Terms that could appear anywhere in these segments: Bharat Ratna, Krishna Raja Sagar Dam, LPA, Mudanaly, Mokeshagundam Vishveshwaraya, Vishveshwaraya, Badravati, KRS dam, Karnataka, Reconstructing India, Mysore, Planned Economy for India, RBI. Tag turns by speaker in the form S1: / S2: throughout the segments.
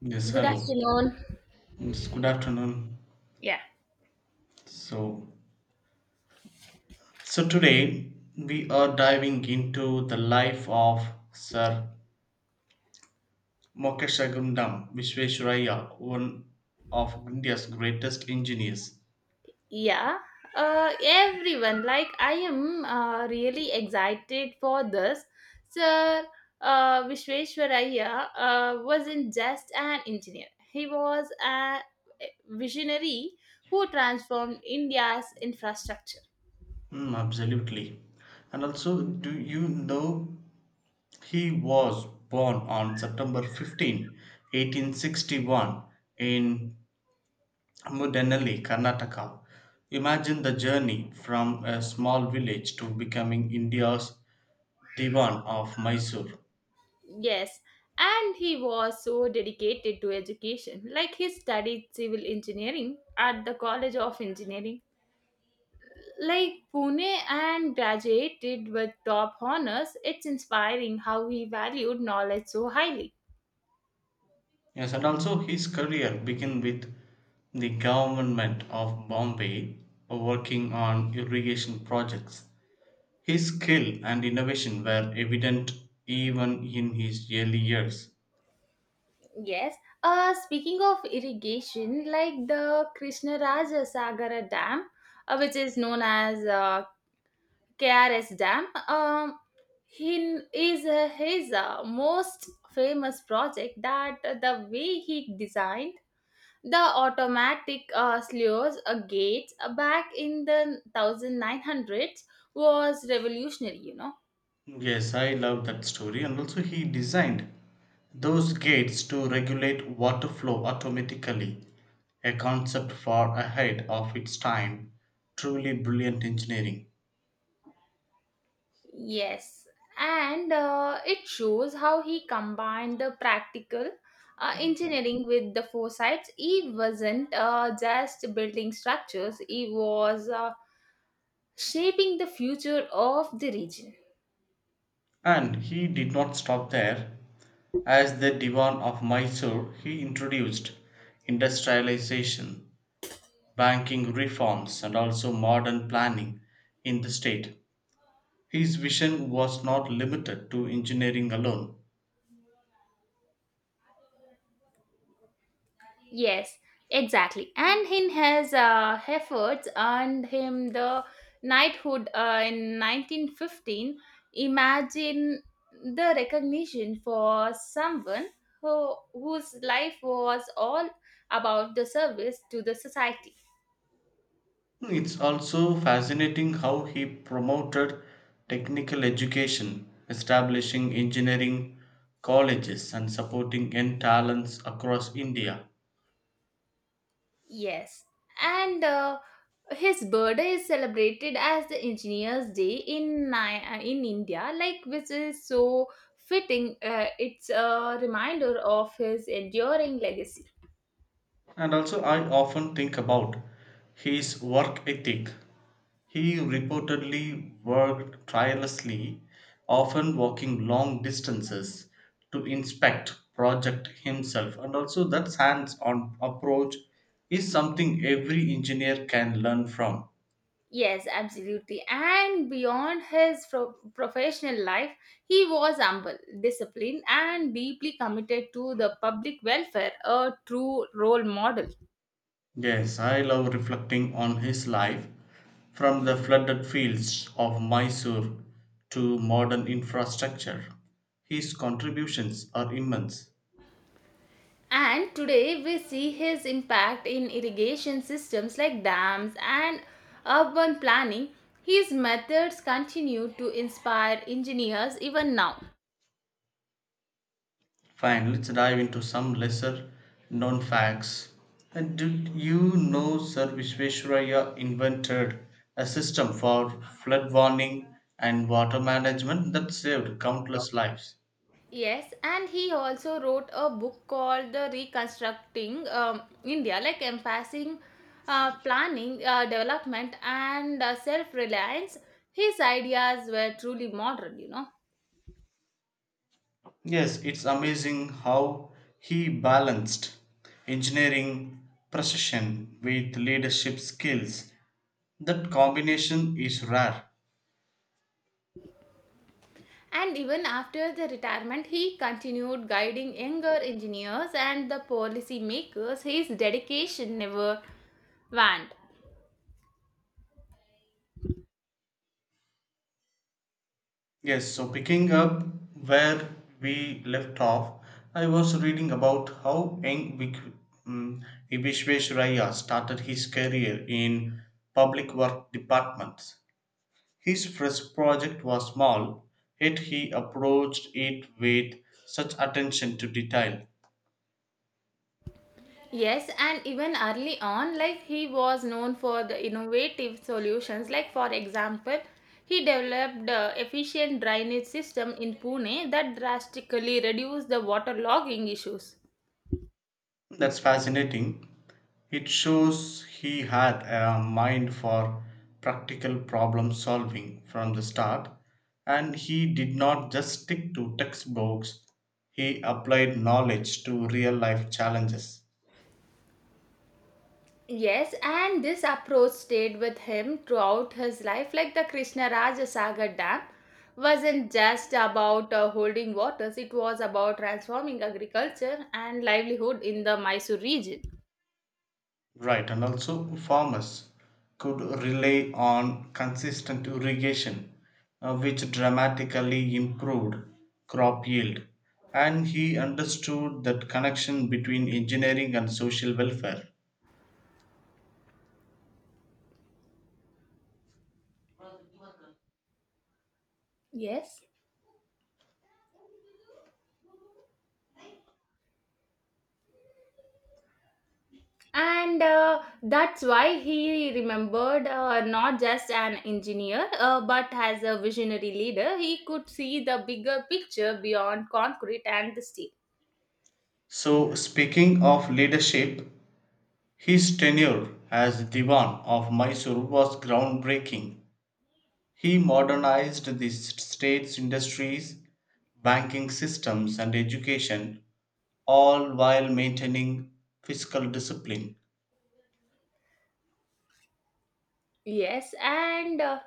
S1: Yes,
S2: Good
S1: hello.
S2: afternoon.
S1: It's good afternoon.
S2: Yeah.
S1: So, so today we are diving into the life of Sir Mokeshagundam Vishveshwaraya, one of India's greatest engineers.
S2: Yeah. Everyone, I am really excited for this. Sir Vishveshwaraya wasn't just an engineer, he was a visionary who transformed India's infrastructure.
S1: Mm, absolutely. And also, do you know he was born on September 15th, 1861 in Mudanaly, Karnataka. Imagine the journey from a small village to becoming India's Divan of Mysore.
S2: Yes. And he was so dedicated to education. Like he studied civil engineering at the College of Engineering Like Pune and graduated with top honors. It's inspiring how he valued knowledge so highly.
S1: Yes, and also his career began with the government of Bombay working on irrigation projects. His skill and innovation were evident even in his early years.
S2: Yes. Speaking of irrigation, like the Krishnaraja Sagara Dam, which is known as KRS Dam, he is his most famous project. That the way he designed the automatic sluice gates back in the 1900s was revolutionary,
S1: Yes, I love that story. And also, he designed those gates to regulate water flow automatically, a concept far ahead of its time. Truly brilliant engineering.
S2: Yes, and it shows how he combined the practical engineering with the foresight. He wasn't just building structures, he was shaping the future of the region.
S1: And he did not stop there. As the Divan of Mysore, he introduced industrialization, banking reforms, and also modern planning in the state. His vision was not limited to engineering alone.
S2: Yes, exactly. And in his efforts earned him the knighthood in 1915. Imagine the recognition for someone whose life was all about the service to the society.
S1: It's also fascinating how he promoted technical education, establishing engineering colleges and supporting young talents across India.
S2: Yes, and his birthday is celebrated as the Engineer's Day in in India, like which is so fitting. It's a reminder of his enduring legacy.
S1: And also, I often think about his work ethic. He reportedly worked tirelessly, often walking long distances to inspect project himself. And also that hands-on approach is something every engineer can learn from.
S2: Yes, absolutely. And beyond his professional life, he was humble, disciplined, and deeply committed to the public welfare, a true role model.
S1: Yes, I love reflecting on his life from the flooded fields of Mysore to modern infrastructure. His contributions are immense.
S2: And today we see his impact in irrigation systems like dams and urban planning. His methods continue to inspire engineers even now.
S1: Fine, let's dive into some lesser known facts. And did you know Sir Vishveshwaraya invented a system for flood warning and water management that saved countless lives?
S2: Yes, and he also wrote a book called The Reconstructing India, like emphasizing planning, development, and self reliance. His ideas were truly modern,
S1: Yes, it's amazing how he balanced engineering precision with leadership skills. That combination is rare.
S2: And even after the retirement, he continued guiding younger engineers and the policy makers. His dedication never waned.
S1: Yes, so picking up where we left off, I was reading about how mm, Vishveshraya started his career in public work departments. His first project was small, yet he approached it with such attention to detail.
S2: Yes, and even early on, like he was known for the innovative solutions. Like for example, he developed the efficient drainage system in Pune that drastically reduced the waterlogging issues.
S1: That's fascinating. It shows he had a mind for practical problem solving from the start, and he did not just stick to textbooks, he applied knowledge to real life challenges.
S2: Yes, and this approach stayed with him throughout his life, like the Krishna Raja Sagar Dam wasn't just about holding waters, it was about transforming agriculture and livelihood in the Mysore region.
S1: Right, and also farmers could rely on consistent irrigation, which dramatically improved crop yield. And he understood that connection between engineering and social welfare.
S2: Yes. And that's why he remembered not just an engineer, but as a visionary leader, he could see the bigger picture beyond concrete and the steel.
S1: So, speaking of leadership, his tenure as Diwan of Mysore was groundbreaking. He modernized the state's industries, banking systems, and education, all while maintaining fiscal discipline.
S2: Yes, and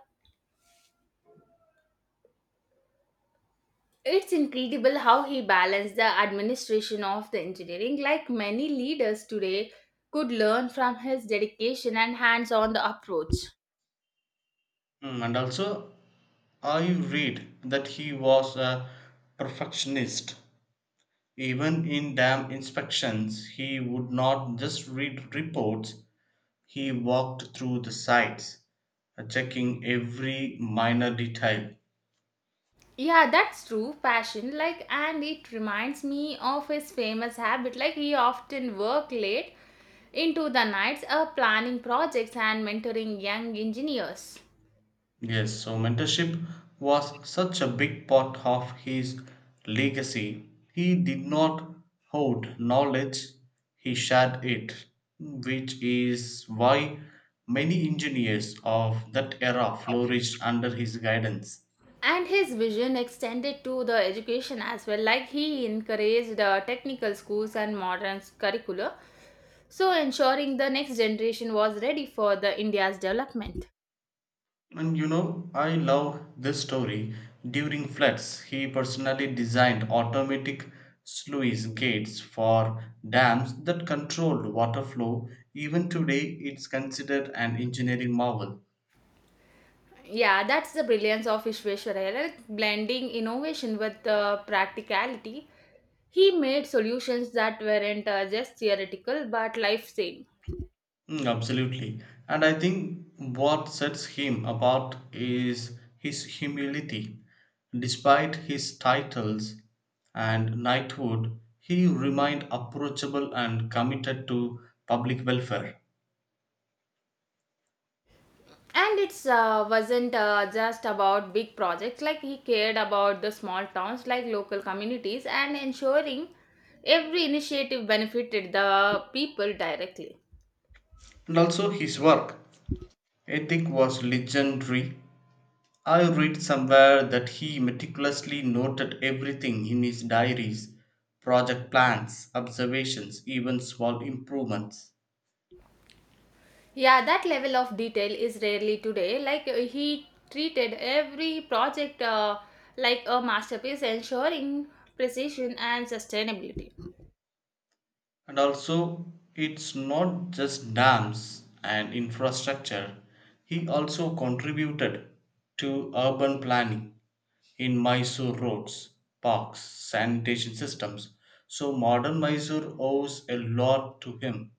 S2: it's incredible how he balanced the administration of the engineering, like many leaders today could learn from his dedication and hands on the approach.
S1: Mm, and also, I read that he was a perfectionist. Even in dam inspections, he would not just read reports, he walked through the sites, checking every minor detail.
S2: Yeah, that's true. Passion, like, and it reminds me of his famous habit, like, he often worked late into the nights, planning projects and mentoring young engineers.
S1: Yes, so mentorship was such a big part of his legacy. He did not hoard knowledge, he shared it, which is why many engineers of that era flourished under his guidance.
S2: And his vision extended to the education as well, like he encouraged technical schools and modern curricula, so ensuring the next generation was ready for the India's development.
S1: And you know, I love this story. During floods, he personally designed automatic sluice gates for dams that controlled water flow. Even today, it's considered an engineering marvel.
S2: Yeah, that's the brilliance of Vishwesvaraya, like blending innovation with the practicality. He made solutions that weren't just theoretical but life-saving.
S1: Mm, absolutely. And I think what sets him apart is his humility. Despite his titles and knighthood, he remained approachable and committed to public welfare.
S2: And it's wasn't just about big projects, like he cared about the small towns, like local communities, and ensuring every initiative benefited the people directly.
S1: And also his work ethic was legendary. I read somewhere that he meticulously noted everything in his diaries, project plans, observations, even small improvements.
S2: Yeah, that level of detail is rarely today, like he treated every project like a masterpiece, ensuring precision and sustainability.
S1: And also it's not just dams and infrastructure. He also contributed to urban planning in Mysore roads, parks, sanitation systems. So modern Mysore owes a lot to him.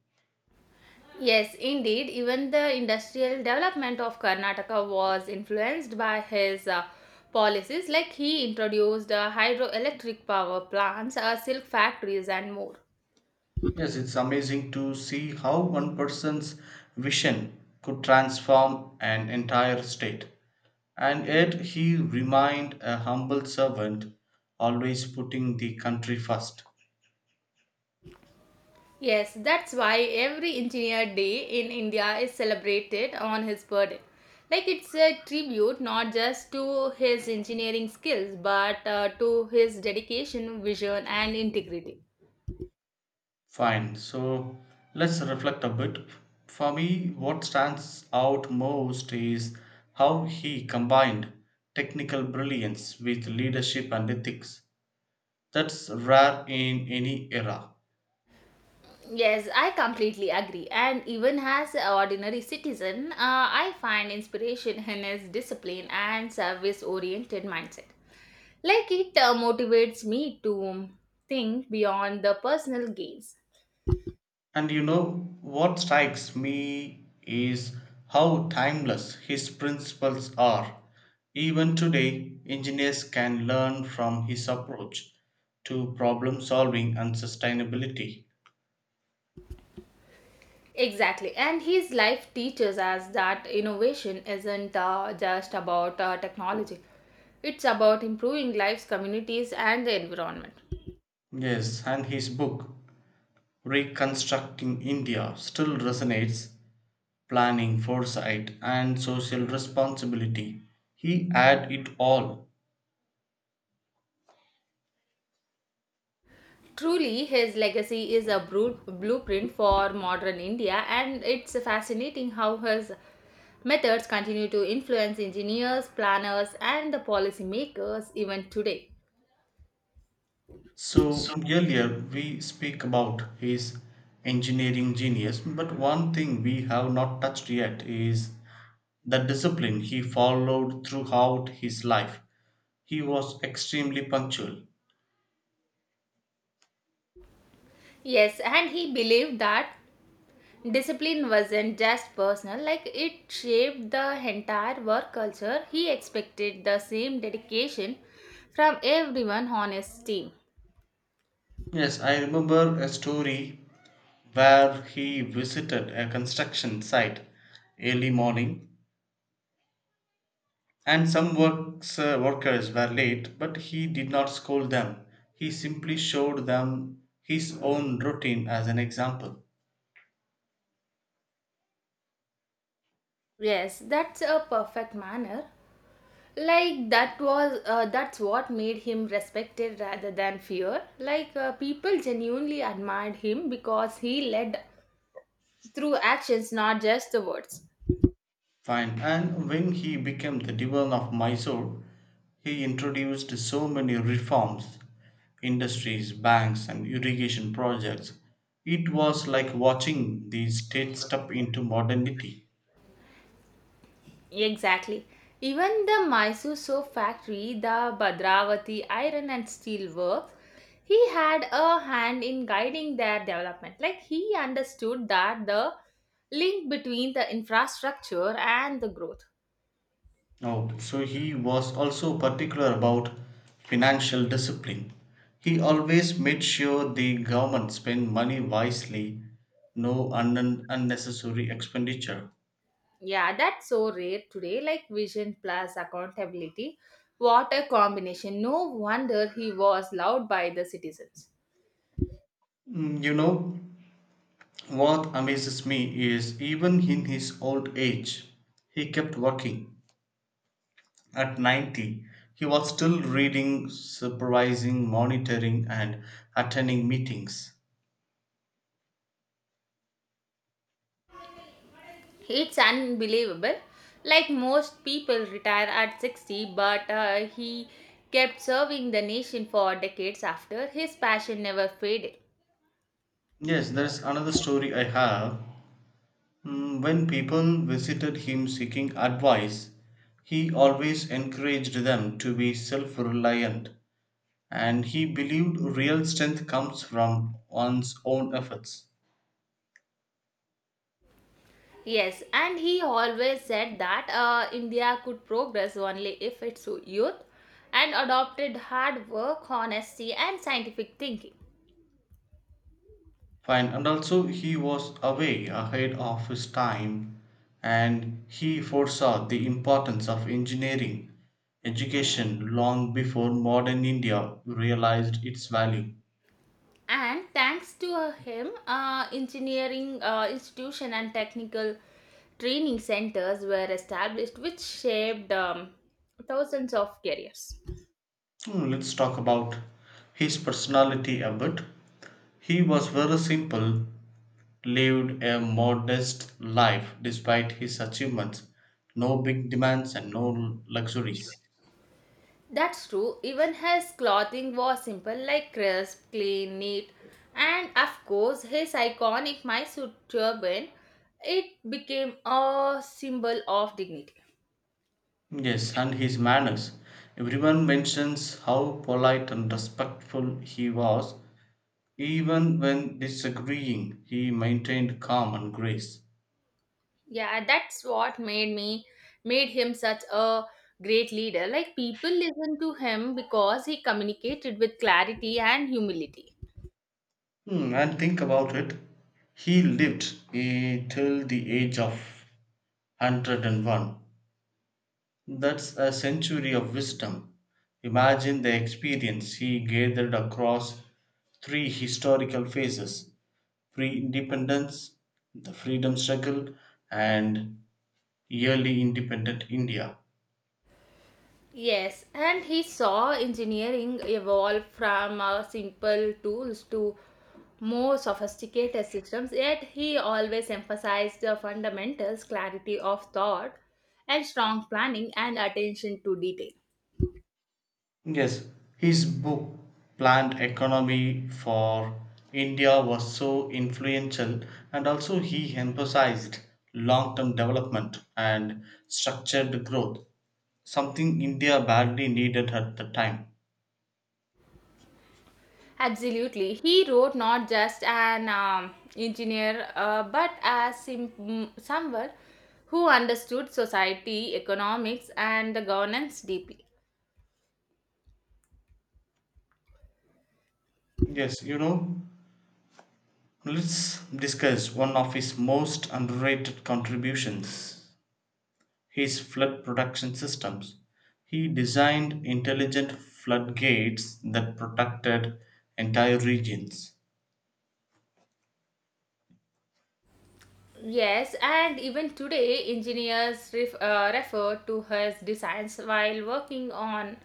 S2: Yes, indeed. Even the industrial development of Karnataka was influenced by his policies, like he introduced hydroelectric power plants, silk factories, and more.
S1: Yes, it's amazing to see how one person's vision could transform an entire state. And yet he remained a humble servant, always putting the country first.
S2: Yes, that's why every Engineer Day in India is celebrated on his birthday. Like it's a tribute not just to his engineering skills but to his dedication, vision, and integrity.
S1: Fine, so let's reflect a bit. For me, what stands out most is how he combined technical brilliance with leadership and ethics. That's rare in any era.
S2: Yes, I completely agree. And even as an ordinary citizen, I find inspiration in his discipline and service oriented mindset. Like it motivates me to think beyond the personal gains.
S1: And you know what strikes me is how timeless his principles are. Even today, engineers can learn from his approach to problem solving and sustainability.
S2: Exactly. And his life teaches us that innovation isn't just about technology, it's about improving lives, communities, and the environment.
S1: Yes, and his book, Reconstructing India, still resonates planning, foresight, and social responsibility. He had it all.
S2: Truly, his legacy is a blueprint for modern India, and it's fascinating how his methods continue to influence engineers, planners, and the policymakers even today.
S1: So earlier we speak about his engineering genius, but one thing we have not touched yet is the discipline he followed throughout his life. He was extremely punctual.
S2: Yes, and he believed that discipline wasn't just personal, like it shaped the entire work culture. He expected the same dedication from everyone on his team.
S1: Yes, I remember a story where he visited a construction site early morning and some workers were late, but he did not scold them. He simply showed them his own routine as an example.
S2: Yes, that's a perfect manner, like that was that's what made him respected rather than feared, like people genuinely admired him because he led through actions, not just the words.
S1: Fine. And when he became the Diwan of Mysore, he introduced so many reforms, industries, banks, and irrigation projects. It was like watching the state step into modernity.
S2: Exactly. Even the Mysore soap factory, the Badravati Iron and Steel Works, he had a hand in guiding their development, like he understood that the link between the infrastructure and the growth.
S1: Oh, so he was also particular about financial discipline. He always made sure the government spent money wisely, no unnecessary expenditure.
S2: Yeah, that's so rare today. Like vision plus accountability. What a combination. No wonder he was loved by the citizens.
S1: Mm, you know, what amazes me is even in his old age, he kept working. At 90, he was still reading, supervising, monitoring, and attending meetings.
S2: It's unbelievable. Like most people retire at 60, but he kept serving the nation for decades after. His passion never faded.
S1: Yes, there's another story I have. Mm, when people visited him seeking advice, he always encouraged them to be self reliant, and he believed real strength comes from one's own efforts.
S2: Yes, and he always said that India could progress only if it's youth and adopted hard work, honesty, and scientific thinking.
S1: Fine, and also he was away ahead of his time and he foresaw the importance of engineering education long before modern India realized its value.
S2: And thanks to him, engineering institution and technical training centers were established, which shaped thousands of careers.
S1: Hmm, let's talk about his personality a bit. He was very simple, lived a modest life despite his achievements, no big demands and no luxuries.
S2: That's true. Even his clothing was simple, like crisp, clean, neat, and of course his iconic Mysore turban. It became a symbol of dignity.
S1: Yes, and his manners. Everyone mentions how polite and respectful he was. Even when disagreeing, he maintained calm and grace.
S2: Yeah, that's what made him such a great leader. Like people listen to him because he communicated with clarity and humility.
S1: Hmm, and think about it. He lived till the age of 101. That's a century of wisdom. Imagine the experience he gathered across three historical phases: pre independence, the freedom struggle, and Early Independent India.
S2: Yes, and he saw engineering evolve from simple tools to more sophisticated systems, yet he always emphasized the fundamentals, clarity of thought, and strong planning and attention to detail.
S1: Yes, his book Planned Economy for India was so influential, and also he emphasized long term development and structured growth, something India badly needed at the time.
S2: Absolutely. He wrote not just an engineer, but as someone who understood society, economics, and the governance deeply.
S1: Yes, you know, let's discuss one of his most underrated contributions, his flood protection systems. He designed intelligent floodgates that protected entire regions.
S2: Yes, and even today, engineers refer to his designs while working on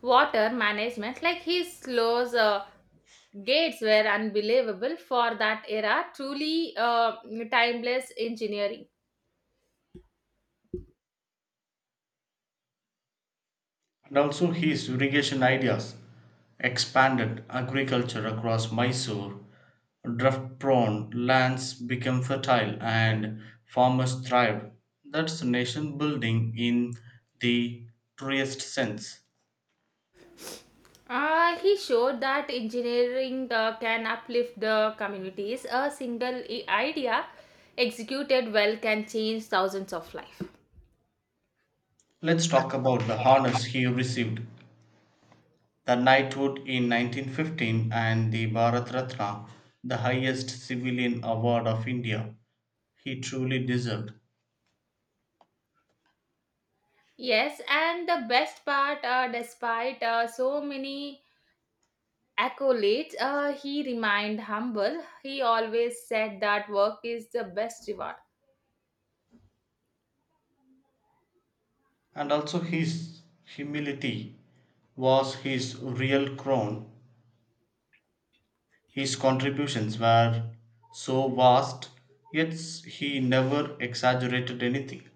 S2: water management, like his slows. Gates were unbelievable for that era, truly timeless engineering.
S1: And also his irrigation ideas expanded agriculture across Mysore. Drought prone lands became fertile and farmers thrived. That's nation building in the truest sense.
S2: He showed that engineering can uplift the communities. A single idea executed well can change thousands of lives.
S1: Let's talk about the honors he received: the knighthood in 1915 and the Bharat Ratna, the highest civilian award of India, he truly deserved.
S2: Yes, and the best part, despite so many accolades, he remained humble. He always said that work is the best reward.
S1: And also his humility was his real crown. His contributions were so vast, yet he never exaggerated anything.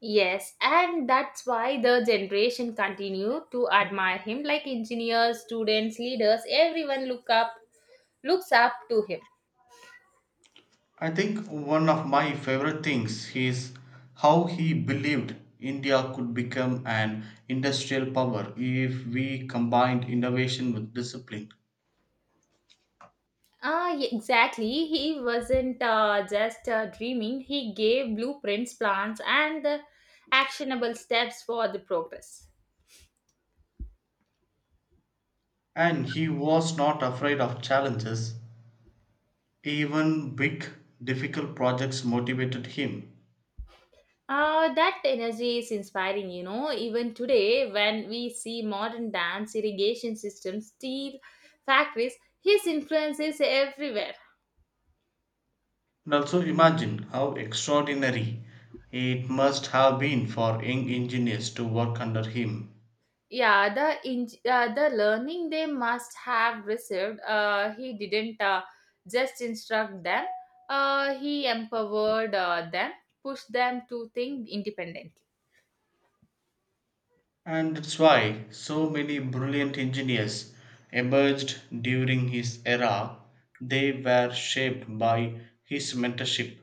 S2: Yes, and that's why the generation continue to admire him, like engineers, students, leaders, everyone looks up to him.
S1: I think one of my favorite things is how he believed India could become an industrial power if we combined innovation with discipline.
S2: Exactly. He wasn't just dreaming. He gave blueprints, plans, and the actionable steps for the progress.
S1: And he was not afraid of challenges, even big, difficult projects motivated him.
S2: That energy is inspiring, Even today, when we see modern dams, irrigation systems, steel factories, his influence is everywhere.
S1: And also imagine how extraordinary it must have been for young engineers to work under him.
S2: Yeah, the the learning they must have received. He didn't just instruct them. He empowered them, pushed them to think independently.
S1: And that's why so many brilliant engineers emerged during his era. They were shaped by his mentorship.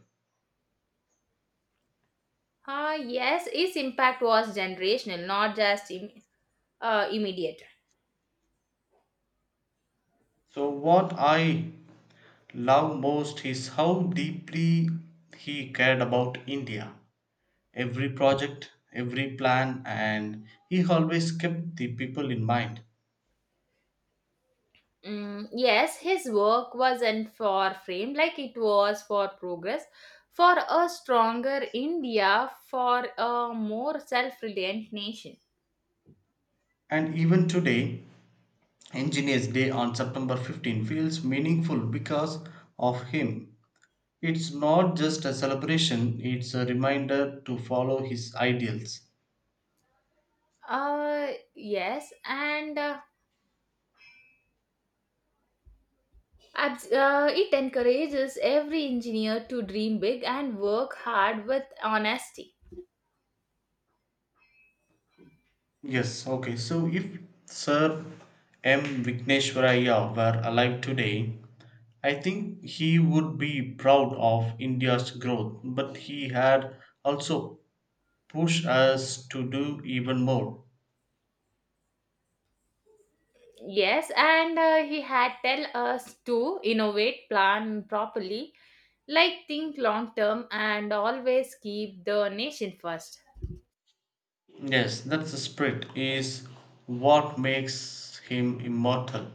S2: Yes, his impact was generational, not just immediate.
S1: So, what I love most is how deeply he cared about India. Every project, every plan, and he always kept the people in mind.
S2: Mm, yes, his work wasn't for fame, like it was for progress, for a stronger India, for a more self-reliant nation.
S1: And even today, Engineers Day on September 15 feels meaningful because of him. It's not just a celebration, it's a reminder to follow his ideals.
S2: Yes, and it encourages every engineer to dream big and work hard with honesty.
S1: Yes, okay. So if Sir M. Vigneswaraya were alive today, I think he would be proud of India's growth, but he had also pushed us to do even more.
S2: Yes, and he had tell us to innovate, plan properly, like think long term, and always keep the nation first.
S1: Yes, that's the spirit, is what makes him immortal.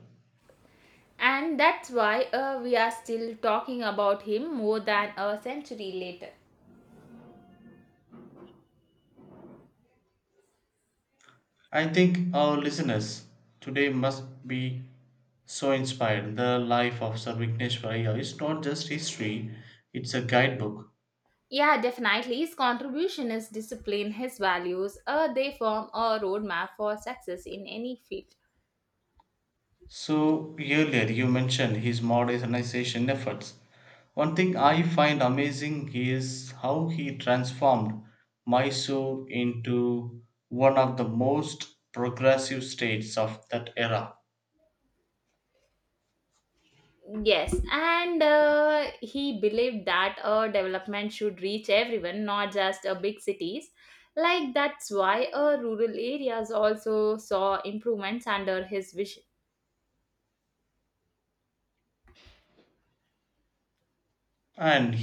S2: And that's why we are still talking about him more than a century later.
S1: I think our listeners today must be so inspired. The life of Sarvigneshwar Iyer is not just history, it's a guidebook.
S2: Yeah, definitely. His contribution is discipline, his values, they form a roadmap for success in any field.
S1: So, earlier you mentioned his modernization efforts. One thing I find amazing is how he transformed Mysore into one of the most progressive states of that era.
S2: Yes, and he believed that a development should reach everyone, not just big cities. Like that's why rural areas also saw improvements under his vision.
S1: And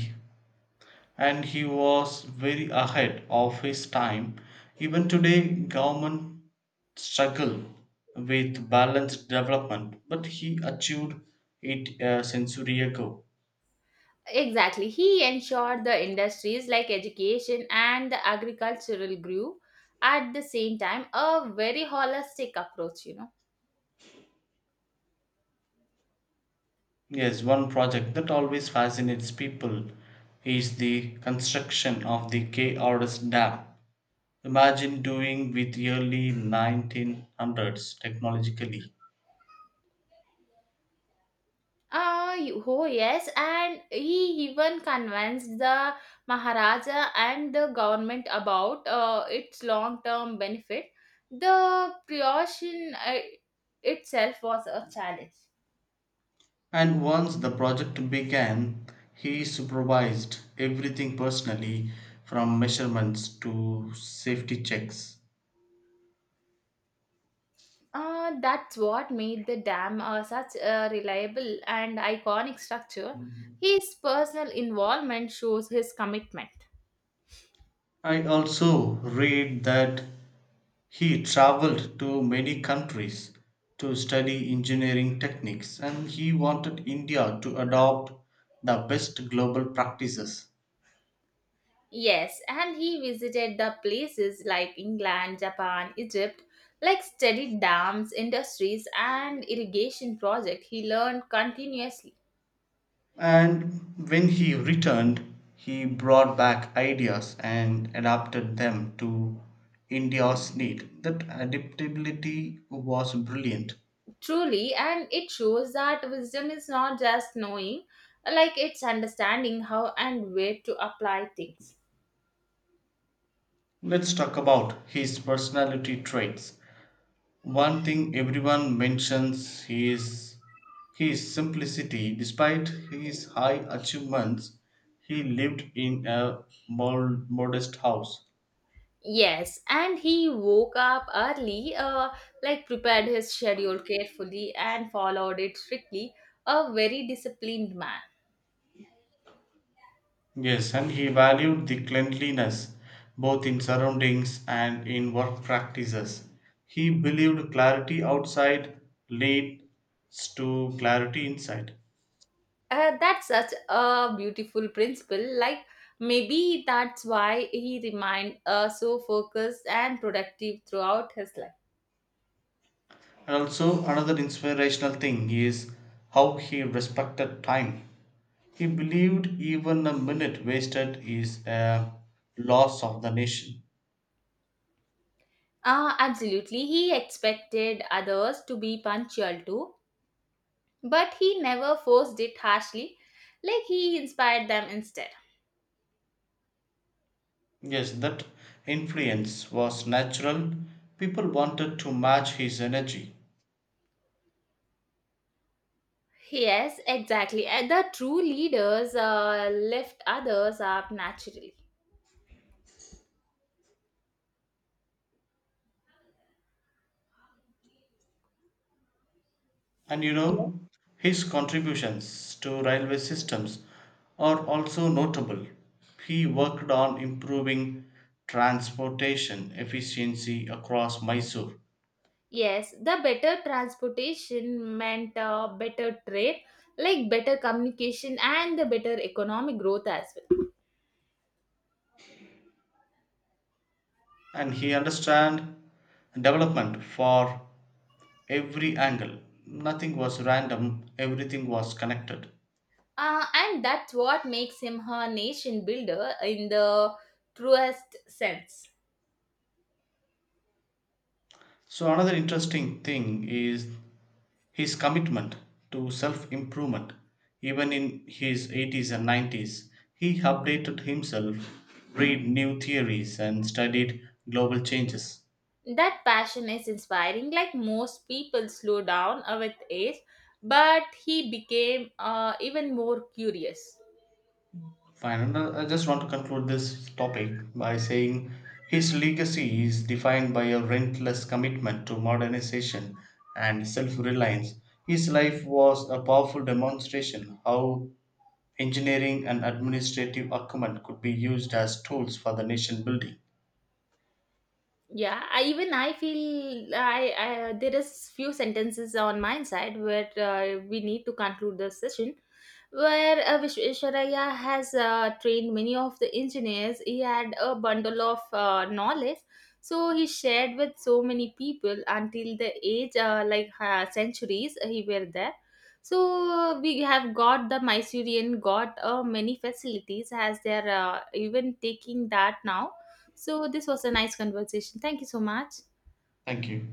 S1: and he was very ahead of his time. Even today government struggle with balanced development, but he achieved it a century ago.
S2: Exactly, he ensured the industries like education and the agricultural grew at the same time. A very holistic approach,
S1: Yes, one project that always fascinates people is the construction of the KRS dam. Imagine doing with early 1900s technologically.
S2: Yes, and he even convinced the Maharaja and the government about its long-term benefit. The creation itself was a challenge.
S1: And once the project began, he supervised everything personally from measurements to safety checks.
S2: That's what made the dam such a reliable and iconic structure. His personal involvement shows his commitment.
S1: I also read that he traveled to many countries to study engineering techniques and he wanted India to adopt the best global practices.
S2: Yes, and he visited the places like England, Japan, Egypt, like studied dams, industries, and irrigation project. He learned continuously.
S1: And when he returned, he brought back ideas and adapted them to India's need. That adaptability was brilliant.
S2: Truly, and it shows that wisdom is not just knowing, like it's understanding how and where to apply things.
S1: Let's talk about his personality traits. One thing everyone mentions is his simplicity. Despite his high achievements, he lived in a modest house.
S2: Yes, and he woke up early, like prepared his schedule carefully and followed it strictly. A very disciplined man.
S1: Yes, and he valued the cleanliness both in surroundings and in work practices. He believed clarity outside leads to clarity inside.
S2: That's such a beautiful principle. Like maybe that's why he remained so focused and productive throughout his life.
S1: And also, another inspirational thing is how he respected time. He believed even a minute wasted is a loss of the nation.
S2: Absolutely. He expected others to be punctual too, but he never forced it harshly. Like he inspired them instead.
S1: Yes, that influence was natural. People wanted to match his energy.
S2: Yes, exactly. And the true leaders lift others up naturally.
S1: And you know, his contributions to railway systems are also notable. He worked on improving transportation efficiency across Mysore,
S2: Yes, the better transportation meant better trade, like better communication and the better economic growth as well.
S1: and he understand development for every angle. Nothing was random, everything was connected.
S2: And that's what makes him her nation builder in the truest sense.
S1: So another interesting thing is his commitment to self improvement, even in his 80s and 90s, he updated himself, read new theories, and studied global changes.
S2: That passion is inspiring, like most people slow down with age, but he became even more curious.
S1: Fine, and I just want to conclude this topic by saying his legacy is defined by a relentless commitment to modernization and self reliance. His life was a powerful demonstration how engineering and administrative acumen could be used as tools for the nation building.
S2: Yeah, even I feel I there is few sentences on my side where we need to conclude the session where Vishvesvaraya has trained many of the engineers. He had a bundle of knowledge, so he shared with so many people until the age like centuries he were there. So we have got the Mysorean got many facilities as they are even taking that now. So this was a nice conversation. Thank you so much.
S1: Thank you.